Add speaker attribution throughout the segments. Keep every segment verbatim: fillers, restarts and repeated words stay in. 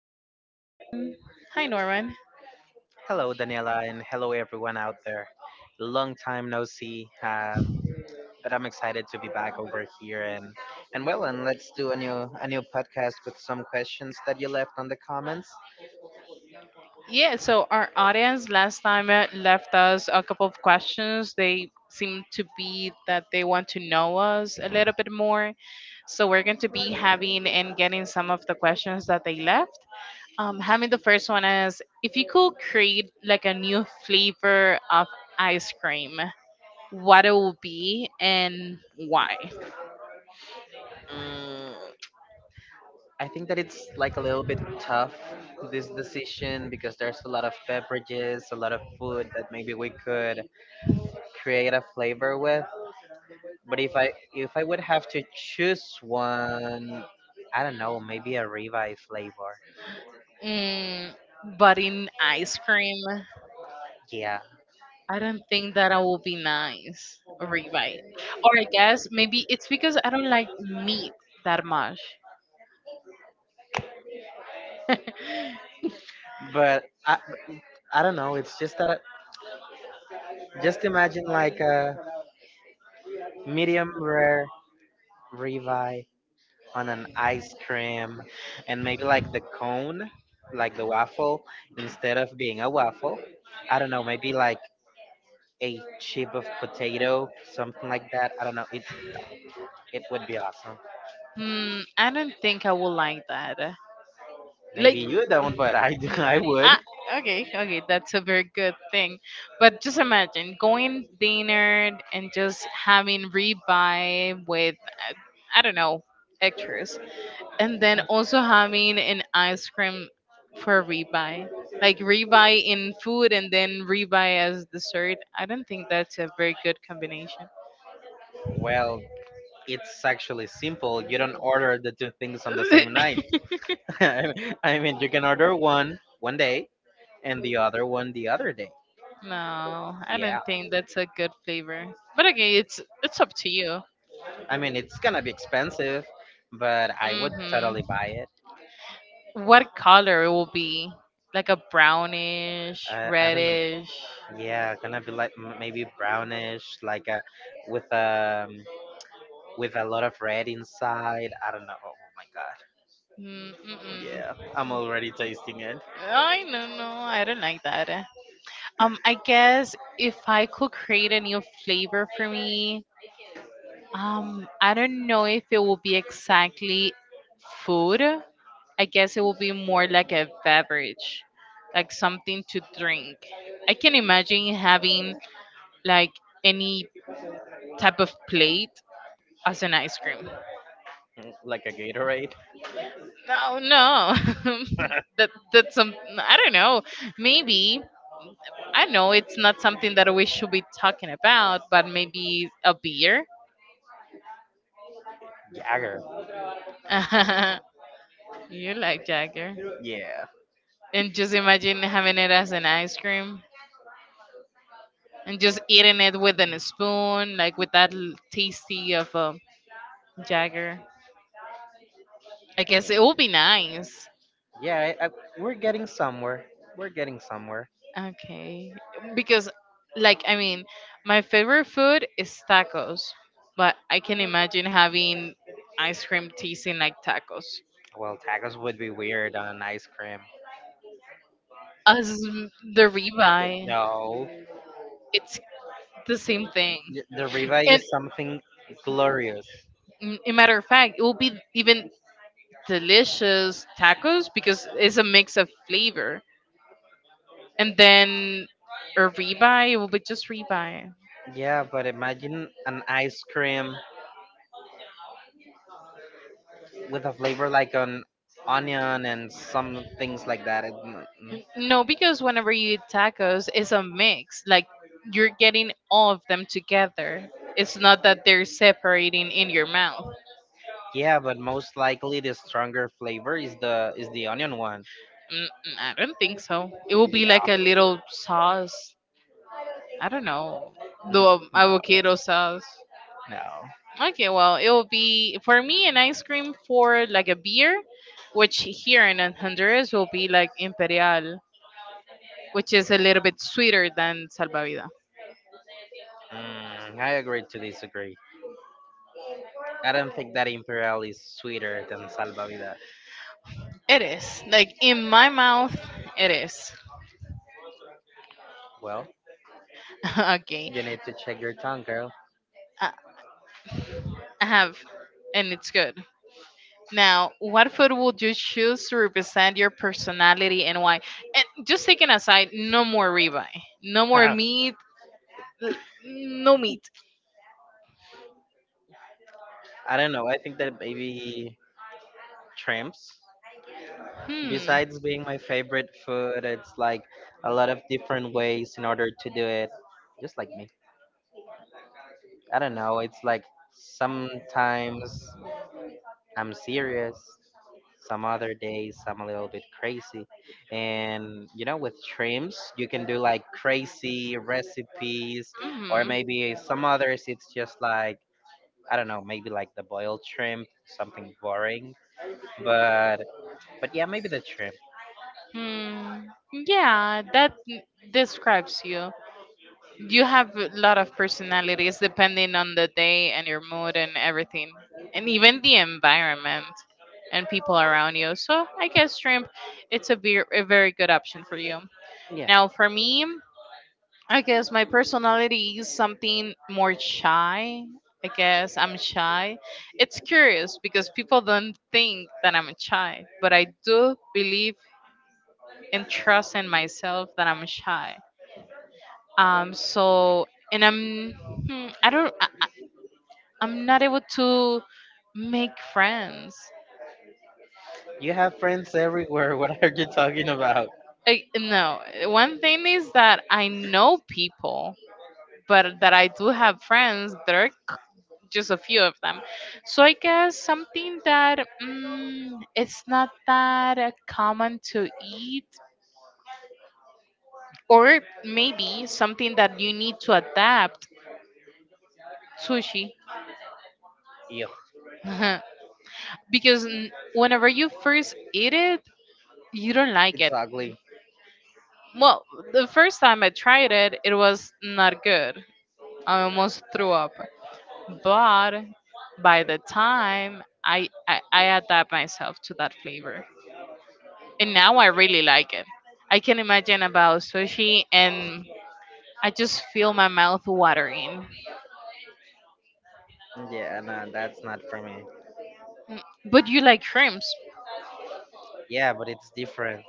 Speaker 1: His name is Norman. Hi, Norman.
Speaker 2: Hello, Daniela, and hello, everyone out there. Long time no see, um, but I'm excited to be back over here, and and well, and let's do a new a new podcast with some questions that you left on the comments.
Speaker 1: Yeah, so our audience last time uh, left us a couple of questions. They seem to be that they want to know us a little bit more. So we're going to be having and getting some of the questions that they left. Um, having the first one is if you could create like a new flavor of ice cream, what it would be and why?
Speaker 2: Mm, I think that it's like a little bit tough, this decision, because there's a lot of beverages, a lot of food that maybe we could create a flavor with. But if I if I would have to choose one, I don't know, maybe a ribeye flavor.
Speaker 1: Mm, but in ice cream,
Speaker 2: Yeah.
Speaker 1: I don't think that I will be nice. Revite. Or I guess maybe it's because I don't like meat that much.
Speaker 2: But I I don't know. It's just that I, just imagine like a medium rare ribeye on an ice cream, and maybe like the cone, like the waffle, instead of being a waffle, I don't know, maybe like a chip of potato, something like that. I don't know. It it would be awesome.
Speaker 1: Hmm, I don't think I would like that. like
Speaker 2: Maybe you don't, but I do. I
Speaker 1: Ah,
Speaker 2: would.
Speaker 1: okay, okay, that's a very good thing. But just imagine going dinner and just having ribeye with, uh, I don't know, extras, and then also having an ice cream for ribeye, like ribeye in food and then ribeye as dessert. I don't think that's a very good combination.
Speaker 2: Well, it's actually simple. You don't order the two things on the same night. I mean, you can order one one day and the other one the other day.
Speaker 1: No, I don't
Speaker 2: Yeah.
Speaker 1: think that's a good flavor. But again, it's it's up to you.
Speaker 2: I mean, it's gonna be expensive, but I would
Speaker 1: Mhm.
Speaker 2: totally buy it.
Speaker 1: What color it will be? Like a brownish,
Speaker 2: I, I don't
Speaker 1: reddish.
Speaker 2: know. Yeah, gonna be like m- maybe brownish, like a with um with a lot of red inside. I don't know. Oh my god.
Speaker 1: Mm.
Speaker 2: Yeah, I'm
Speaker 1: Mm-mm.
Speaker 2: already tasting it.
Speaker 1: I, no, no, I don't like that. Um, I guess if I could create a new flavor for me, um, I don't know if it will be exactly food, I guess it will be more like a beverage, like something to drink. I can imagine having like any type of plate as an ice cream.
Speaker 2: Mm, like a Gatorade.
Speaker 1: No, no. that that's some I don't know. Maybe I know it's not something that we should be talking about, but maybe a beer.
Speaker 2: Jagger.
Speaker 1: You like Jagger.
Speaker 2: Yeah.
Speaker 1: And just imagine having it as an ice cream and just eating it with a spoon, like with that l- tasty of a. Jagger. I guess it would be nice.
Speaker 2: Yeah, I, I, we're getting somewhere. We're getting somewhere.
Speaker 1: Okay. Because, like, I mean, my favorite food is tacos, but I can imagine having ice cream tasting like tacos.
Speaker 2: Well, tacos would be weird on ice cream.
Speaker 1: As m- the
Speaker 2: Th-
Speaker 1: ribeye,
Speaker 2: No,
Speaker 1: it's the same thing.
Speaker 2: Y- the ribeye
Speaker 1: And,
Speaker 2: is something glorious.
Speaker 1: mm, a matter of fact, it will be even delicious tacos because it's a mix of flavor. And then a ribeye, it will be just ribeye.
Speaker 2: Yeah, but imagine an ice cream with a flavor like an onion and some things like that. It- mm, mm.
Speaker 1: N- No, because whenever you eat tacos, it's a mix. Like you're getting all of them together. It's not that they're separating in your mouth.
Speaker 2: Yeah, but most likely the stronger flavor is the is the onion one.
Speaker 1: Mm, mm, I don't think so. It will be
Speaker 2: Yeah.
Speaker 1: like a
Speaker 2: Mhm.
Speaker 1: little sauce. I don't know.
Speaker 2: No.
Speaker 1: The avocado sauce.
Speaker 2: No.
Speaker 1: Okay, well, it will be for me an ice cream for like a beer, which here in Honduras will be like Imperial, which is a little bit sweeter than Salvavida.
Speaker 2: Mm, I agree to disagree. I don't think that Imperial is sweeter than Salvavida.
Speaker 1: It is. Like in my mouth, it is.
Speaker 2: Well,
Speaker 1: Okay,
Speaker 2: you need to check your tongue, girl.
Speaker 1: I I have, and it's good. Now, what food would you choose to represent your personality and why? And just taking aside, no more ribeye, no more meat, l- no meat.
Speaker 2: I don't know. I think that maybe shrimps.
Speaker 1: Hmm.
Speaker 2: Besides being my favorite food, it's like a lot of different ways in order to do it. Just like me. I don't know, it's like sometimes I'm serious, some other days I'm a little bit crazy. And you know, with shrimps, you can do like crazy recipes, or
Speaker 1: Mhm.
Speaker 2: maybe some others, it's just like, I don't know, maybe like the boiled shrimp, something boring. But but yeah, maybe the shrimp.
Speaker 1: Hmm. Yeah, that n- describes you. You have a lot of personalities depending on the day and your mood and everything, and even the environment and people around you. So I guess shrimp, it's a, ve- a very good option for you.
Speaker 2: Yeah.
Speaker 1: Now for me, I guess my personality is something more shy. I guess I'm shy. It's curious because people don't think that I'm shy, but I do believe and trust in myself that I'm shy. Um, so and I'm hmm, I don't I'm not able to make friends.
Speaker 2: You have friends everywhere. What are you talking about?
Speaker 1: Like, no, one thing is that I know people, but that I do have friends. There are c- just a few of them. So I guess something that mm, it's not that uh, common to eat, or maybe something that you need to adapt sushi.
Speaker 2: Ew,
Speaker 1: Because n- whenever you first eat it, you don't like
Speaker 2: it's
Speaker 1: it.
Speaker 2: ugly.
Speaker 1: Well, the first time I tried it, it was not good. I almost threw up. But by the time I, I, I adapt myself to that flavor. And now I really like it. I can imagine about sushi and I just feel my mouth watering.
Speaker 2: Yeah, no, that's not for me.
Speaker 1: Mm. But you like shrimps.
Speaker 2: Yeah, but it's different.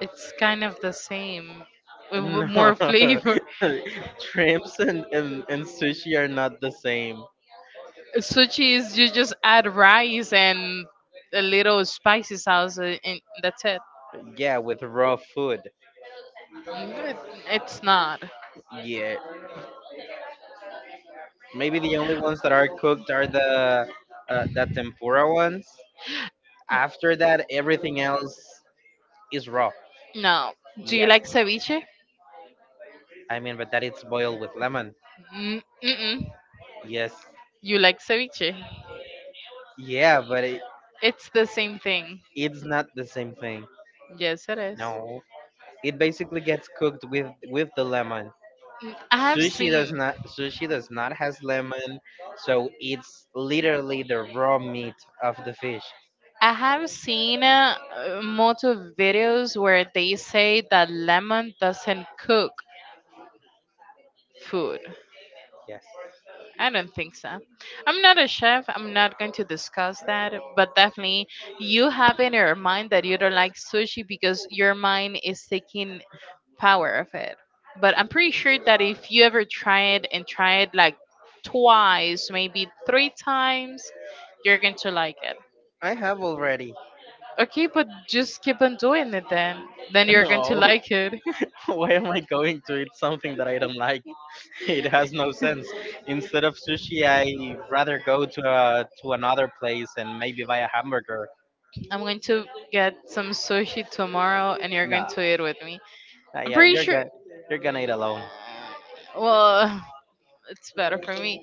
Speaker 1: It's kind of the same with w-
Speaker 2: No,
Speaker 1: more flavor.
Speaker 2: shrimps and, and, and sushi are not the same.
Speaker 1: Sushi is you just add rice and a little spicy sauce, uh, and that's it.
Speaker 2: Yeah, with raw food.
Speaker 1: Mm. It's not.
Speaker 2: Yeah, maybe the only ones that are cooked are the uh, the tempura ones. After that, everything else is raw.
Speaker 1: No. Do you
Speaker 2: Yes,
Speaker 1: like ceviche?
Speaker 2: I mean, but that it's boiled with lemon.
Speaker 1: Mm. Mm-mm.
Speaker 2: Yes,
Speaker 1: You like ceviche?
Speaker 2: yeah, but it,
Speaker 1: It's the same thing.
Speaker 2: it's not the same thing.
Speaker 1: Yes, it is.
Speaker 2: No, it basically gets cooked with with the lemon.
Speaker 1: Mm, I have
Speaker 2: Sushi
Speaker 1: seen.
Speaker 2: does not sushi does not has lemon, so it's literally the raw meat of the fish.
Speaker 1: I have seen uh, uh, multiple videos where they say that lemon doesn't cook food.
Speaker 2: Yes.
Speaker 1: I don't think so. I'm not a chef. I'm not going to discuss that, but definitely you have in your mind that you don't like sushi because your mind is taking power of it. But I'm pretty sure that if you ever try it and try it like twice, maybe three times, you're going to like it.
Speaker 2: I have already.
Speaker 1: Okay, but just keep on doing it then. Then you're going to
Speaker 2: No.
Speaker 1: like it.
Speaker 2: Why am I going to eat something that I don't like? It has no sense. Instead of sushi, I rather go to a, to another place and maybe buy a hamburger.
Speaker 1: I'm going to get some sushi tomorrow and you're going
Speaker 2: No.
Speaker 1: to eat with me.
Speaker 2: Uh,
Speaker 1: I'm
Speaker 2: yeah,
Speaker 1: pretty
Speaker 2: you're
Speaker 1: sure,
Speaker 2: gonna you're gonna eat alone.
Speaker 1: well, it's better for me,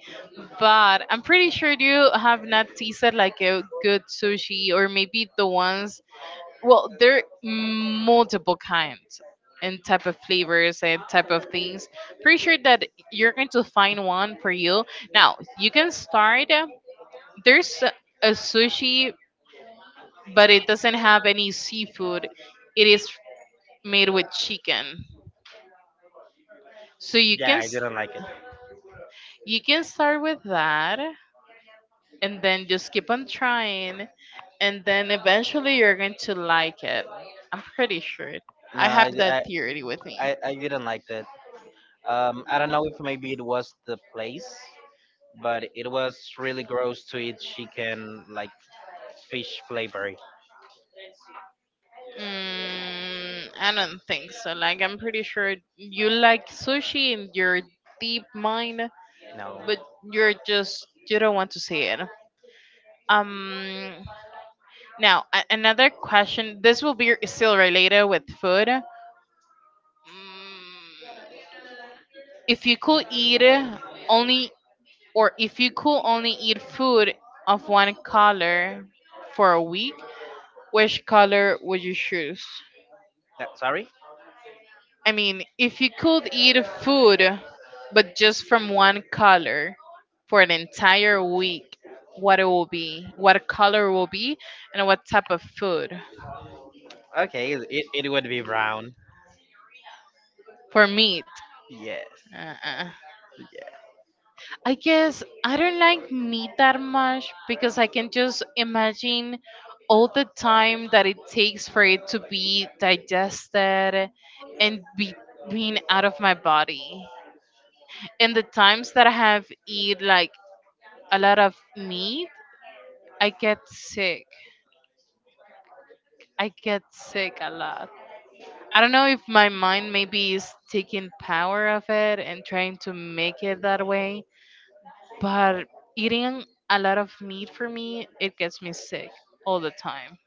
Speaker 1: but I'm pretty sure you have not tasted like a good sushi or maybe the ones. Well, there are multiple kinds and type of flavors and type of things. Pretty sure that you're going to find one for you. Now you can start. uh, There's a sushi, but it doesn't have any seafood. It is made with chicken, so you
Speaker 2: Yeah,
Speaker 1: can
Speaker 2: I
Speaker 1: s-
Speaker 2: didn't like it.
Speaker 1: you can start with that and then just keep on trying and then eventually you're going to like it. I'm pretty sure.
Speaker 2: No,
Speaker 1: I have
Speaker 2: I I,
Speaker 1: that theory with me.
Speaker 2: I I didn't like that. Um, I don't know if maybe it was the place, but it was really gross to eat chicken like fish flavory.
Speaker 1: Mm, I don't think so. Like, I'm pretty sure you like sushi in your deep mind,
Speaker 2: No,
Speaker 1: but you're just, you don't want to see it. Um, Now, a- another question. This will be still related with food. Mm, if you could eat only Or if you could only eat food of one color for a week, which color would you choose?
Speaker 2: That- sorry.
Speaker 1: I mean, if you could eat food, but just from one color for an entire week, what it will be, what color will be, and what type of food
Speaker 2: Okay, it it would be brown.
Speaker 1: for meat.
Speaker 2: Yes.
Speaker 1: Uh-uh.
Speaker 2: Yeah.
Speaker 1: I guess I don't like meat that much because I can just imagine all the time that it takes for it to be digested and be being out of my body. And the times that I have eat like a lot of meat, I get sick. I get sick a lot. I don't know if my mind maybe is taking power of it and trying to make it that way, but eating a lot of meat for me it gets me sick all the time.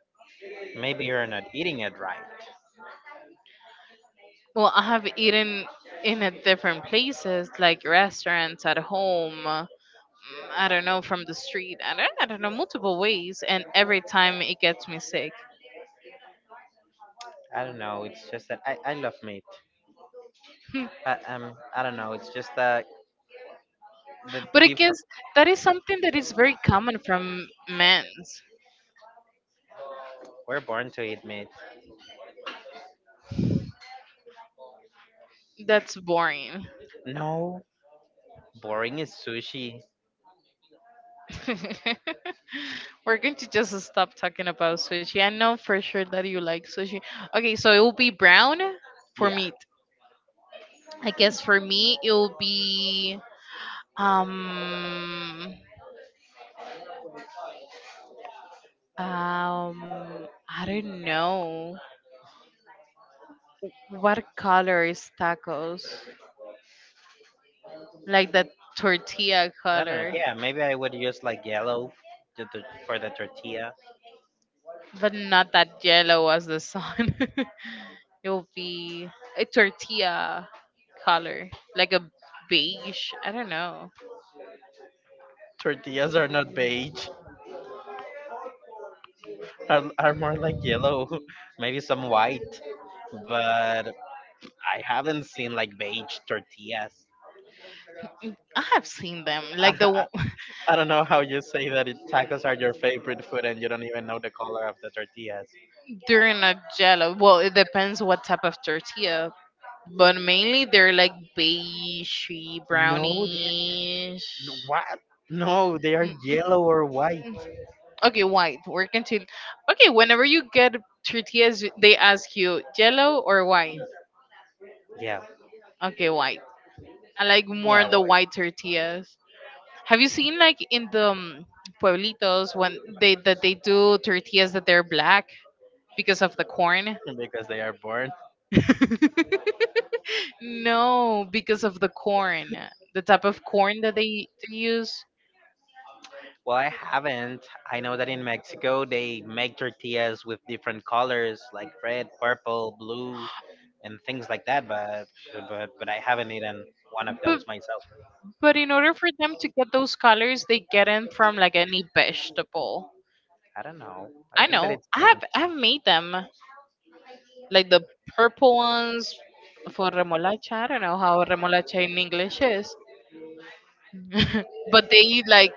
Speaker 2: Maybe you're not eating it right.
Speaker 1: Well, I have eaten in at different places like restaurants, at home, uh, I don't know, from the street, i don't, I don't know, multiple ways, and every time it gets me sick.
Speaker 2: I don't know. It's just that I, I love meat.
Speaker 1: Hmm.
Speaker 2: I, um, I don't know. It's just that the
Speaker 1: But I guess
Speaker 2: different.
Speaker 1: that is something that is very common from men's.
Speaker 2: We're born to eat meat.
Speaker 1: That's boring.
Speaker 2: No, boring is sushi.
Speaker 1: We're going to just stop talking about sushi. I know for sure that you like sushi. Okay, so it will be brown for
Speaker 2: Yeah.
Speaker 1: meat. I guess for me it will be um um I don't know, what color is tacos, like the tortilla
Speaker 2: I don't know.
Speaker 1: color,
Speaker 2: Yeah, maybe I would use like yellow, to, to, for the tortilla.
Speaker 1: but not that yellow as the sun. It will be a tortilla color like a beige. I don't know.
Speaker 2: Tortillas are not beige, are, are more like yellow, maybe some white, but I haven't seen like beige tortillas.
Speaker 1: I have seen them
Speaker 2: I,
Speaker 1: like the one-
Speaker 2: I, don't know how you say that it, tacos are your favorite food and you don't even know the color of the tortillas.
Speaker 1: they're not yellow. Well, it depends what type of tortilla, but mainly they're like beigey,
Speaker 2: No,
Speaker 1: brownish.
Speaker 2: they, n- what?
Speaker 1: Mm,
Speaker 2: No, they are yellow or white.
Speaker 1: mm. Okay, white. We're continue. Okay, whenever you get tortillas, they ask you yellow or white.
Speaker 2: Yeah.
Speaker 1: Okay, white. I like more
Speaker 2: Yeah,
Speaker 1: the
Speaker 2: white.
Speaker 1: white tortillas. Have you seen like in the um, pueblitos when they that they do tortillas that they're black because of the corn?
Speaker 2: Because they are born.
Speaker 1: No, because of the corn, the type of corn that they, they use.
Speaker 2: Well, I haven't. I know that in Mexico they make tortillas with different colors like red, purple, blue, and things like that, but but but I haven't eaten one of
Speaker 1: But
Speaker 2: those myself.
Speaker 1: but in order for them to get those colors, they get them from like any vegetable.
Speaker 2: I don't know. I
Speaker 1: I
Speaker 2: think that
Speaker 1: know.
Speaker 2: it's
Speaker 1: I have I have made them like the purple ones for remolacha. I don't know how remolacha in English is, but they like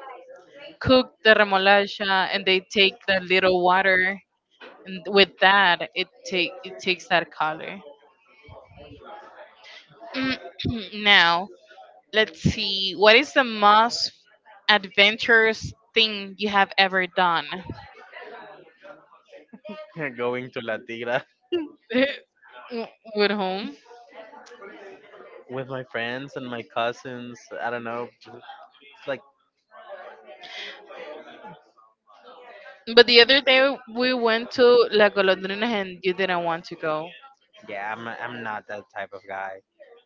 Speaker 1: cook the remolacha and they take the little water, and with that it take it takes that color. Now let's see. What is the most adventurous thing you have ever done?
Speaker 2: strange going to La Tigra
Speaker 1: W- With whom?
Speaker 2: with my friends and my cousins. I don't know. It's like.
Speaker 1: But the other day we went to La Golondrina and you didn't want to go.
Speaker 2: Yeah, I'm I'm not that type of guy.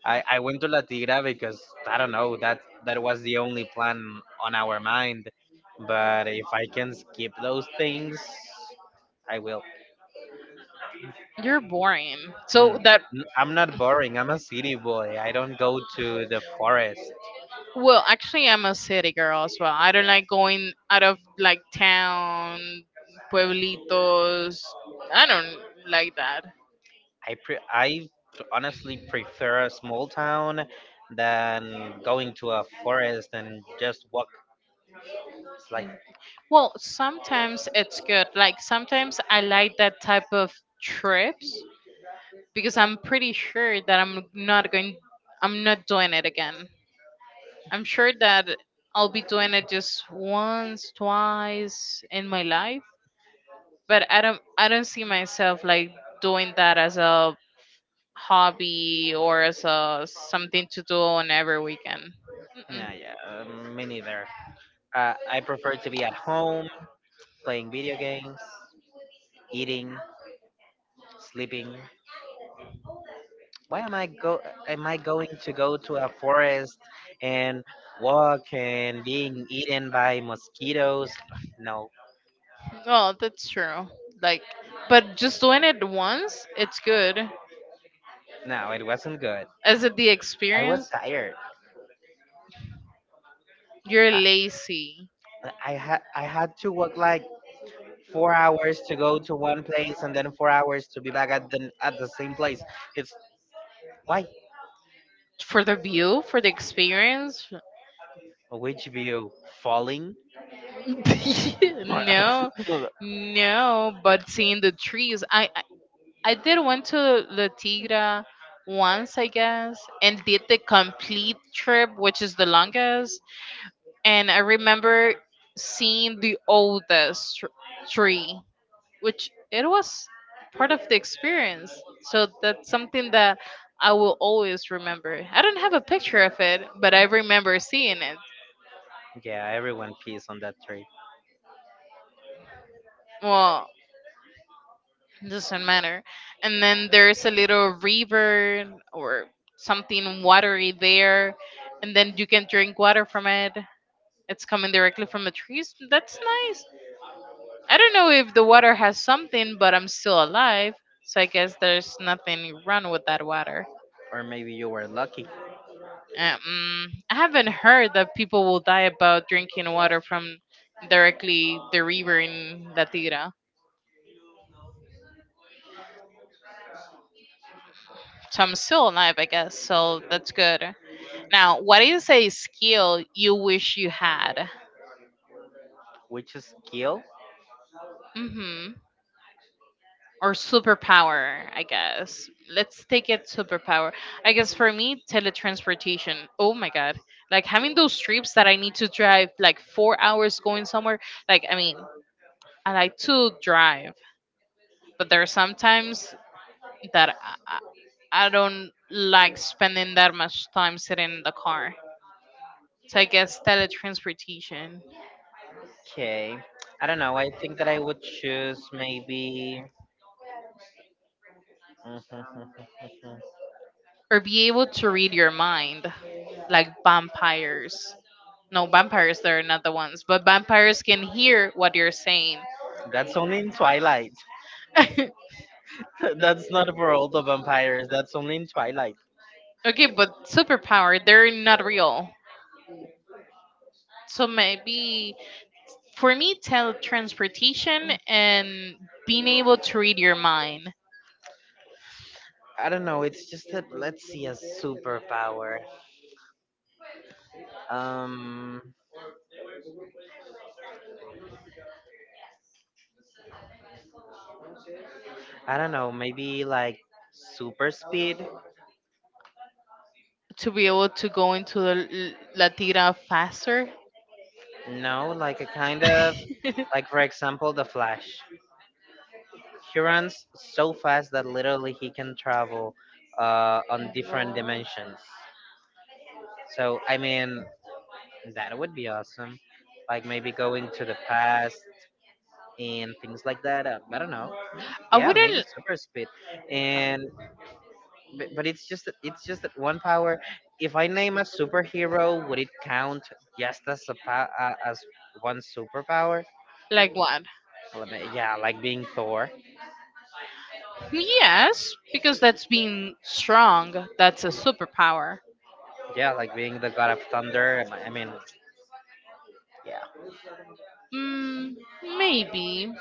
Speaker 2: I, I went to La Tigra because I don't know that that was the only plan on our mind. But if I can skip those things, I will.
Speaker 1: You're boring.
Speaker 2: Mm.
Speaker 1: So that,
Speaker 2: N- I'm not boring. I'm a city boy. I don't go to the forest.
Speaker 1: well, actually I'm a city girl as well. I don't like going out of like town, pueblitos. I don't like that.
Speaker 2: I pre- I honestly prefer a small town than going to a forest and just walk like.
Speaker 1: Well, sometimes it's good. Like sometimes I like that type of trips because I'm pretty sure that I'm not going I'm not doing it again. I'm sure that I'll be doing it just once, twice in my life, but I don't I don't see myself like doing that as a hobby or as a something to do on every weekend. Mm-mm.
Speaker 2: Yeah, yeah, um, me neither. Uh, I prefer to be at home, playing video games, eating, sleeping. Why am I go? Am I going to go to a forest and walk and being eaten by mosquitoes? No,
Speaker 1: Well, that's true. Like but just doing it once, it's good.
Speaker 2: no, it wasn't good.
Speaker 1: Is it the
Speaker 2: I was
Speaker 1: experience?
Speaker 2: tired.
Speaker 1: You're
Speaker 2: I,
Speaker 1: lazy
Speaker 2: I had I had to walk like four hours to go to one place and then four hours to be back at the at the same place. It's why
Speaker 1: for the view, for the experience,
Speaker 2: Which view? Falling?
Speaker 1: no, no, but seeing the trees, I, I I did went to La Tigra once, I guess, and did the complete trip, which is the longest. And I remember seeing the oldest tr- tree, which it was part of the experience. So that's something that I will always remember. I don't have a picture of it, but I remember seeing it.
Speaker 2: Yeah, everyone pees on that tree.
Speaker 1: Well, doesn't matter. And then there's a little river or something watery there, and then you can drink water from it. It's coming directly from the trees. That's nice. I don't know if the water has something, but I'm still alive, so I guess there's nothing wrong with that water.
Speaker 2: Or maybe you were lucky.
Speaker 1: Um, I haven't heard that people will die about drinking water from directly the river in La Tigra. So I'm still alive, I guess. So that's good. Now, what is a skill you wish you had?
Speaker 2: Which skill?
Speaker 1: hmm Or superpower, I guess. Let's take it superpower. I guess for me, teletransportation. Oh my god. Like having those trips that I need to drive like four hours going somewhere. Like, I mean, I like to drive, but there are sometimes that I, I I don't like spending that much time sitting in the car. So I guess teletransportation.
Speaker 2: Okay. I don't know. I think that I would choose maybe.
Speaker 1: Or be able to read your mind like vampires, no vampires they're not the ones, but vampires can hear what you're saying.
Speaker 2: That's only in Twilight. That's not for all the vampires. That's only in Twilight.
Speaker 1: Okay, but superpower they're not real, so maybe for me teletransportation and being able to read your mind,
Speaker 2: I don't know. It's just that let's see a superpower. Um, I don't know. Maybe like super speed.
Speaker 1: to be able to go into the L- latira faster.
Speaker 2: No, like a kind of like, for example, the Flash. He runs so fast that literally he can travel uh, on different
Speaker 1: No.
Speaker 2: dimensions. So I mean that would be awesome. Like maybe going to the past and things like that. Uh, I don't know.
Speaker 1: I
Speaker 2: Yeah, maybe
Speaker 1: wouldn't
Speaker 2: super speed. And but, but it's just that- it's just that one power. If I name a superhero, would it count just as a pa- uh, as one superpower?
Speaker 1: like what?
Speaker 2: Well, I mean, yeah, like being Thor.
Speaker 1: Yes, because that's being strong. That's a superpower.
Speaker 2: Yeah, like being the god of thunder. I mean,
Speaker 1: Mm, maybe.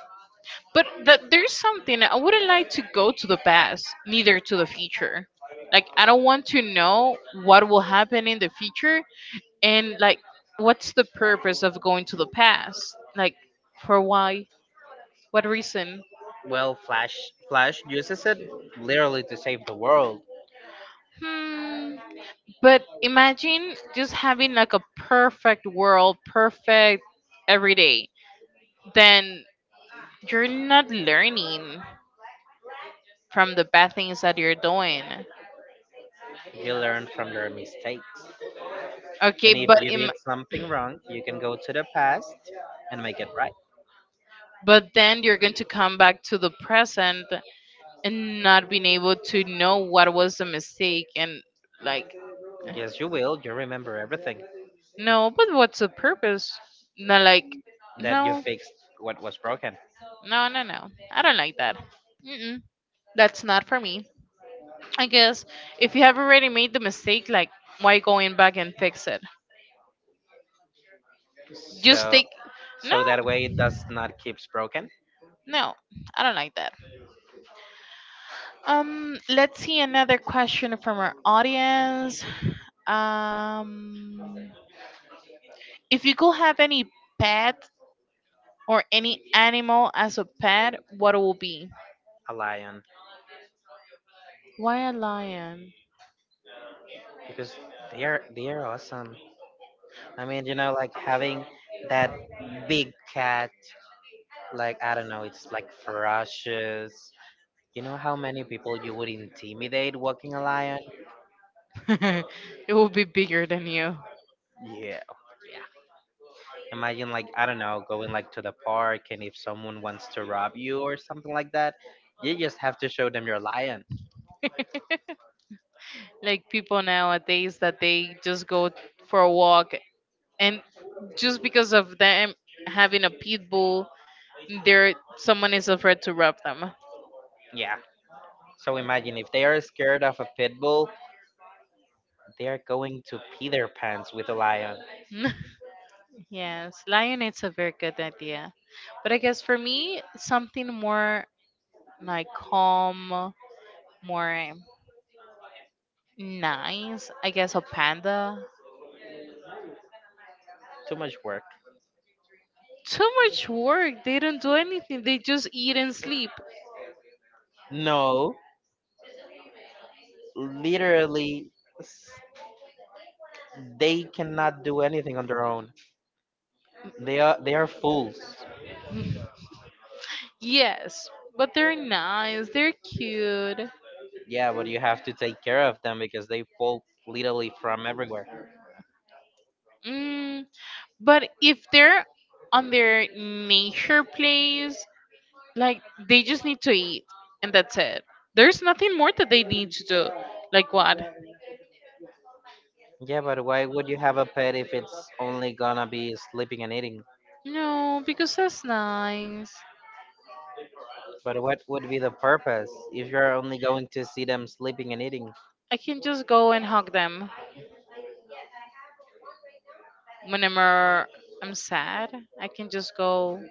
Speaker 1: But that there's something, I wouldn't like to go to the past, neither to the future. Like I don't want to know what will happen in the future and like what's the purpose of going to the past? Like for why? What reason?
Speaker 2: well, Flash Flash uses it literally to save the world.
Speaker 1: Hmm. But imagine just having like a perfect world, perfect every day. Then you're not learning from the bad things that you're doing.
Speaker 2: You learn from your mistakes, and
Speaker 1: Okay,
Speaker 2: if
Speaker 1: but
Speaker 2: you
Speaker 1: Im-
Speaker 2: did something wrong, you can go to the past and make it right.
Speaker 1: but then you're going to come back to the present and not being able to know what was the mistake and like
Speaker 2: Yes, you will. You remember everything
Speaker 1: no, but what's the purpose? Not like
Speaker 2: that you
Speaker 1: no,
Speaker 2: fixed, what was broken.
Speaker 1: no, no, no. I don't like that. Mm-mm, that's not for me. I guess if you have already made the mistake, like why going back and fix it? Just
Speaker 2: So,
Speaker 1: take no,
Speaker 2: so that way it does not keeps broken.
Speaker 1: no, I don't like that. Um, let's see another question from our audience. Um, if you could have any pet or any animal as a pet, what it would be?
Speaker 2: A lion,
Speaker 1: Why a lion?
Speaker 2: because they are they are awesome. I mean, you know, like having that big cat. Like, I don't know, it's like ferocious. You know how many people you would intimidate walking a lion?
Speaker 1: It will be bigger than you.
Speaker 2: Yeah. Imagine, like, I don't know, going like to the park, and if someone wants to rob you or something like that, you just have to show them your lion.
Speaker 1: Like people nowadays that they just go for a walk and just because of them having a pit bull, there someone is afraid to rub them.
Speaker 2: Yeah. So imagine if they are scared of a pit bull, they are going to pee their pants with a lion.
Speaker 1: Yes, lion. It's a very good idea, but I guess for me, something more like calm, more nice. I guess a panda.
Speaker 2: Too much work.
Speaker 1: Too much work. They don't do anything. They just eat and sleep.
Speaker 2: No, literally, s- they cannot do anything on their own. They are they are fools.
Speaker 1: Yes, but they're nice. They're cute.
Speaker 2: Yeah, but you have to take care of them because they fall literally from everywhere.
Speaker 1: Mm, but if they're on their nature place, like they just need to eat and that's it, there's nothing more that they need to do like what,
Speaker 2: Yeah, but why would you have a pet if it's only gonna be sleeping and eating?
Speaker 1: no because that's nice.
Speaker 2: But what would be the purpose if you're only going to see them sleeping and eating?
Speaker 1: I can just go and hug them whenever I'm sad. I can just go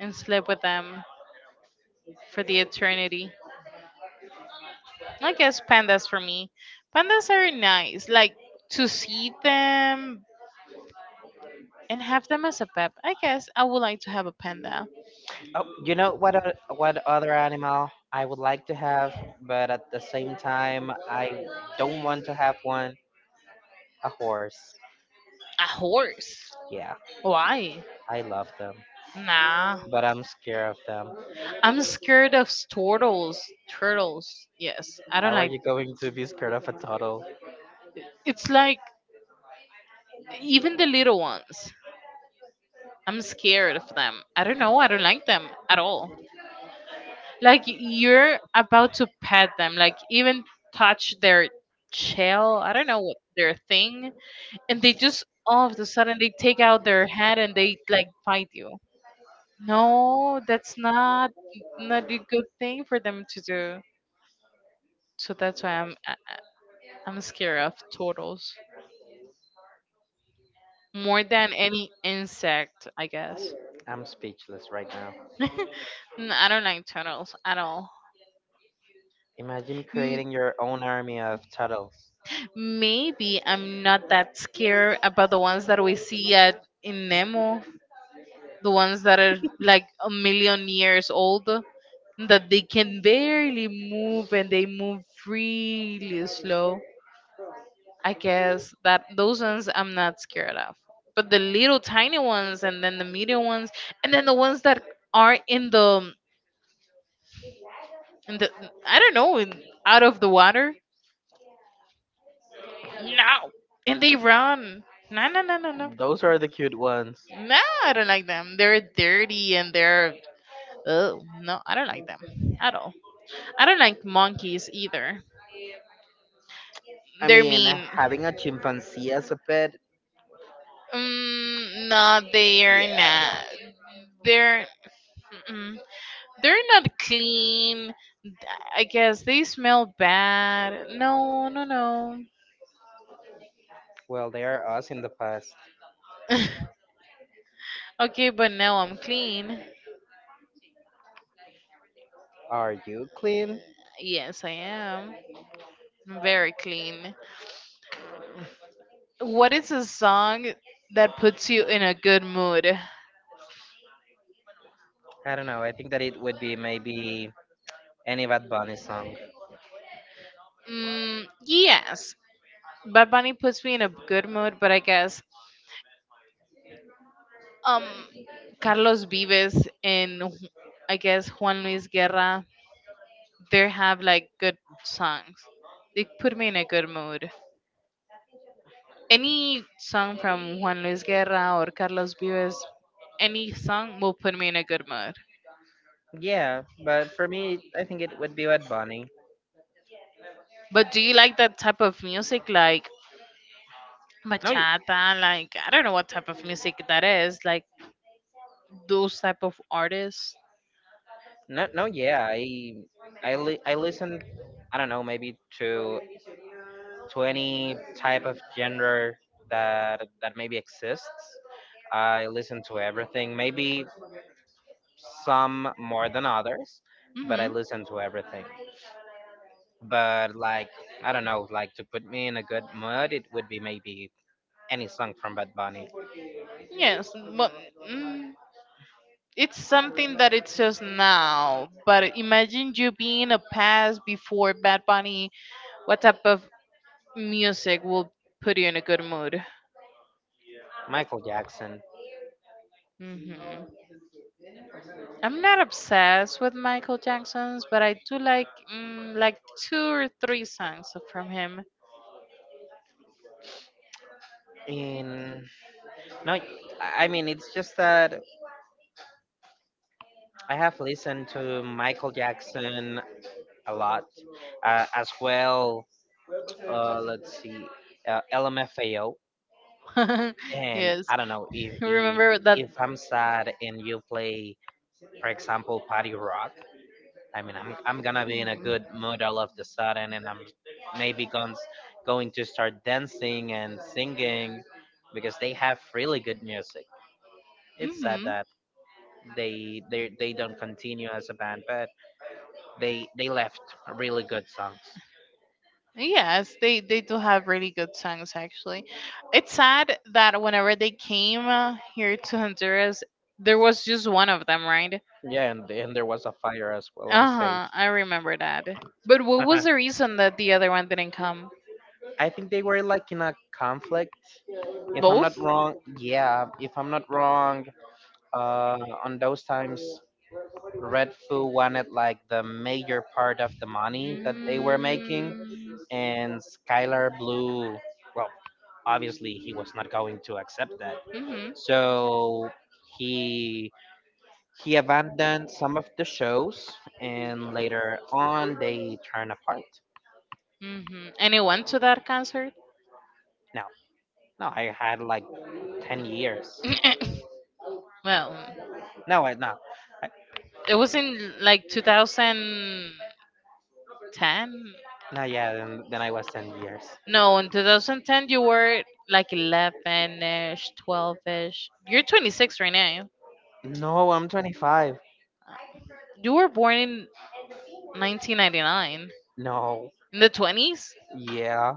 Speaker 1: and sleep with them for the eternity. I guess pandas for me. Pandas are nice, like to see them and have them as a pet. I guess I would like to have a panda.
Speaker 2: Oh, you know what? o- What other animal I would like to have, but at the same time I don't want to have one. A horse.
Speaker 1: A horse,
Speaker 2: Yeah,
Speaker 1: why,
Speaker 2: I love them,
Speaker 1: nah.
Speaker 2: but I'm scared of them.
Speaker 1: I'm scared of turtles. Turtles. Yes. I don't
Speaker 2: How are
Speaker 1: like
Speaker 2: you going to be scared of a turtle?
Speaker 1: it's like even the little ones. I'm scared of them. I don't know. I don't like them at all. Like you're about to pet them, like even touch their shell. I don't know what their thing, and they just all of a sudden they take out their head and they like bite you. No, that's not, not a good thing for them to do. So that's why I'm I- I'm scared of turtles more than any insect, I guess.
Speaker 2: I'm speechless right now.
Speaker 1: N- I don't like turtles at all.
Speaker 2: Imagine
Speaker 1: M-
Speaker 2: creating your own army of turtles.
Speaker 1: maybe I'm not that scared about the ones that we see at in Nemo, the ones that are like a million years old, that they can barely move and they move really slow. I guess that those ones I'm not scared of. But the little tiny ones, and then the medium ones, and then the ones that are in the and the, I don't know, in, out of the water. No, and they run. No, no, no, no, no.
Speaker 2: Those are the cute ones.
Speaker 1: No, I don't like them. They're dirty and they're, oh no, I don't like them at all. I don't like monkeys either.
Speaker 2: I
Speaker 1: They're
Speaker 2: mean,
Speaker 1: mean.
Speaker 2: having a chimpanzee as a pet,
Speaker 1: Mm, no, they're
Speaker 2: yeah.
Speaker 1: not. They're mm-mm. They're not clean. I guess they smell bad. No, no, no.
Speaker 2: Well, they are us in the past.
Speaker 1: Okay, but now I'm clean.
Speaker 2: Are you clean?
Speaker 1: Yes, I am. I'm very clean. What is a song that puts you in a good mood?
Speaker 2: I don't know. I think that it would be maybe any Bad Bunny song.
Speaker 1: Mm, yes, Bad Bunny puts me in a good mood, but I guess um Carlos Vives and Ju- I guess Juan Luis Guerra, they have like good songs. They put me in a good mood. Any song from Juan Luis Guerra or Carlos Vives, any song will put me in a good mood.
Speaker 2: Yeah, but for me, I think it would be Bad Bunny.
Speaker 1: But do you like that type of music, like
Speaker 2: No, y-
Speaker 1: Bachata, like I don't know what type of music that is, like those type of artists.
Speaker 2: no, no. Yeah, I I li- I listen, I don't know, maybe to to any type of genre that that maybe exists. I listen to everything, maybe some more than others, but I
Speaker 1: hmm
Speaker 2: listen to everything. But like, I don't know, like to put me in a good mood, it would be maybe any song from Bad Bunny,
Speaker 1: Yes, but mm, it's something that it's just now. But imagine you being a past before Bad Bunny. What type of music will put you in a good mood?
Speaker 2: Michael Jackson.
Speaker 1: Hmm. I'm not obsessed with Michael Jackson's, but I do like mm, like two or three songs from him.
Speaker 2: In No, I I mean it's just that I have listened to Michael Jackson a lot, uh, as well. Uh, let's see, uh, L M F A O, and
Speaker 1: Yes.
Speaker 2: I don't know if, if
Speaker 1: Remember that.
Speaker 2: if I'm sad and you play, for example, Party Rock. I mean, I'm I'm gonna be in a good mood all of the sudden, and I'm maybe going going to start dancing and singing because they have really good music. It's sad
Speaker 1: Hmm.
Speaker 2: that they they they don't continue as a band, but they they left really good songs.
Speaker 1: Yes, they they do have really good songs actually. It's sad that whenever they came uh, here to Honduras, there was just one of them, right?
Speaker 2: Yeah, and and there was a fire as well on
Speaker 1: Uh
Speaker 2: stage.
Speaker 1: huh. I remember that. But what was the reason that the other one didn't come?
Speaker 2: I think they were like in a conflict. If I'm not
Speaker 1: Both.
Speaker 2: wrong, yeah, if I'm not wrong, uh, on those times, Red Foo wanted like the major part of the money that they were making, and Skylar Blue, well, obviously he was not going to accept that.
Speaker 1: Mm-hmm.
Speaker 2: So he He abandoned some of the shows, and later on they turned apart.
Speaker 1: Hmm. Anyone to that concert?
Speaker 2: No, no, I had like ten years.
Speaker 1: Well,
Speaker 2: No, I, no. I,
Speaker 1: it was in like two thousand ten.
Speaker 2: no, yeah, then, then I was ten years.
Speaker 1: No, in two thousand ten you were like eleven ish, twelve ish. You're twenty-six right now.
Speaker 2: No, I'm twenty-five.
Speaker 1: You were born in nineteen ninety-nine.
Speaker 2: No.
Speaker 1: In the twenties?
Speaker 2: Yeah.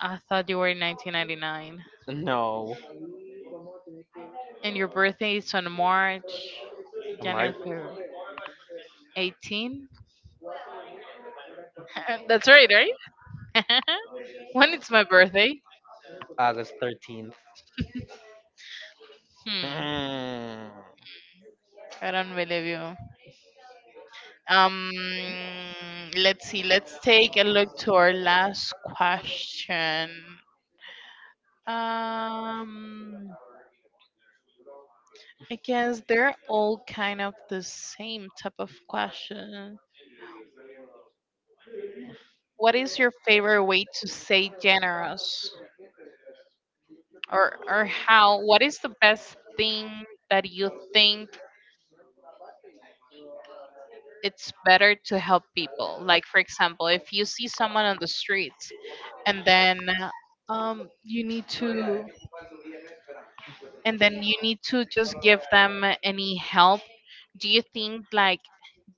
Speaker 1: I thought you were in nineteen ninety-nine.
Speaker 2: No.
Speaker 1: And your birthday is on March,
Speaker 2: March,
Speaker 1: January eighteenth. That's right, right? When it's my birthday.
Speaker 2: August thirteenth.
Speaker 1: Hmm.
Speaker 2: Hmm.
Speaker 1: I don't believe you. Um, let's see. Let's take a look to our last question. Um, I guess they're all kind of the same type of question. What is your favorite way to say generous, or or how? What is the best thing that you think it's better to help people. Like for example, if you see someone on the streets and then um you need to and then you need to just give them any help, do you think like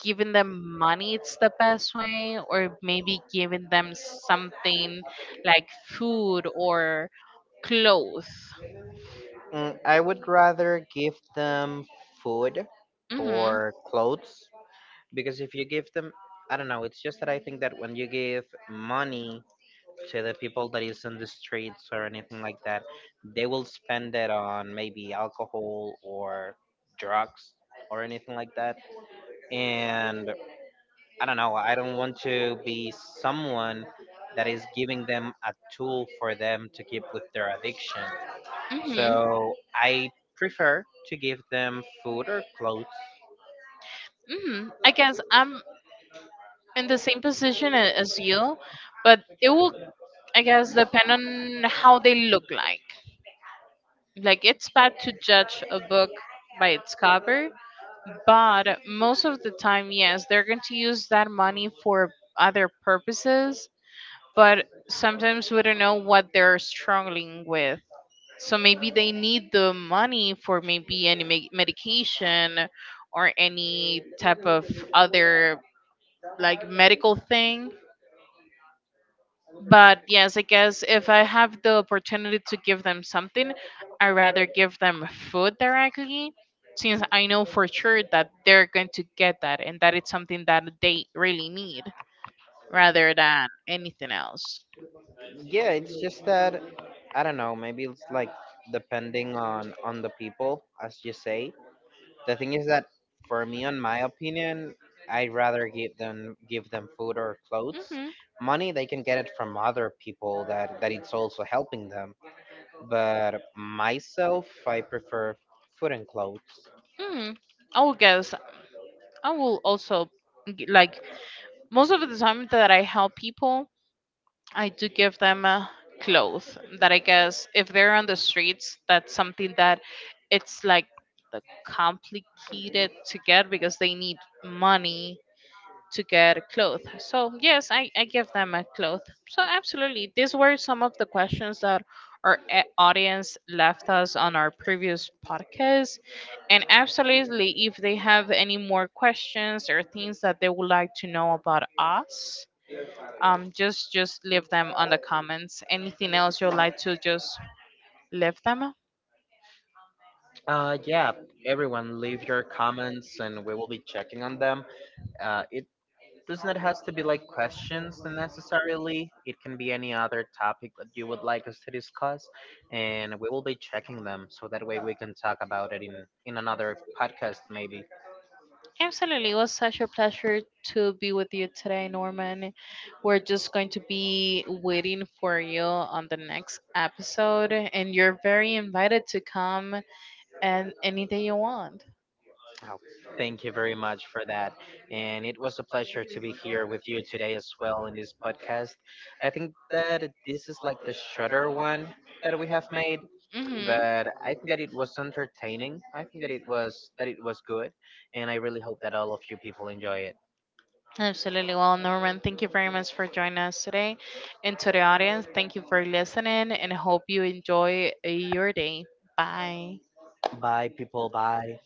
Speaker 1: giving them money it's the best way or maybe giving them something like food or clothes?
Speaker 2: Mm, I would rather give them food
Speaker 1: Mhm.
Speaker 2: or clothes because if you give them, I don't know, it's just that I think that when you give money to the people that is in the streets or anything like that, they will spend it on maybe alcohol or drugs or anything like that. And I don't know, I don't want to be someone that is giving them a tool for them to keep with their addiction. So
Speaker 1: Mhm.
Speaker 2: I prefer to give them food or clothes.
Speaker 1: Mhm. I guess I'm in the same position a- as you, but it will I guess depend on how they look like. Like it's bad to judge a book by its cover, but most of the time, yes, they're going to use that money for other purposes. But sometimes we don't know what they're struggling with. So maybe they need the money for maybe any me- medication or any type of other like medical thing. But yes, I guess if I have the opportunity to give them something, I rather give them food directly since I know for sure that they're going to get that and that it's something that they really need rather than anything else.
Speaker 2: Yeah, it's just that I don't know. Maybe it's like depending on on the people, as you say. The thing is that for me, on my opinion, I'd rather give them give them food or clothes.
Speaker 1: Hmm.
Speaker 2: Money they can get it from other people that that it's also helping them. But myself, I prefer food and clothes.
Speaker 1: Hmm. I would guess I will also g- like most of the time that I help people, I do give them uh, clothes that I guess if they're on the streets, that's something that it's like the complicated to get because they need money to get a cloth. So yes, I, I give them a cloth. So absolutely, these were some of the questions that our a- audience left us on our previous podcast. And absolutely, if they have any more questions or things that they would like to know about us, um just just leave them on the comments, anything else you'd like to just leave them.
Speaker 2: Uh, yeah, everyone, leave your comments and we will be checking on them. Uh, Does not has to be like questions necessarily. It can be any other topic that you would like us to discuss, and we will be checking them so that way we can talk about it in in another podcast maybe.
Speaker 1: Absolutely. It was such a pleasure to be with you today, Norman. We're just going to be waiting for you on the next episode, and you're very invited to come and any day you want.
Speaker 2: Oh, thank you very much for that. And it was a pleasure to be here with you today as well in this podcast. I think that this is like the shorter one that we have made,
Speaker 1: Hmm.
Speaker 2: but I think that it was entertaining. I think that it was that it was good, and I really hope that all of you people enjoy it.
Speaker 1: Absolutely. Well, Norman, thank you very much for joining us today. And to the audience, thank you for listening and hope you enjoy uh, your day. Bye.
Speaker 2: By people. By.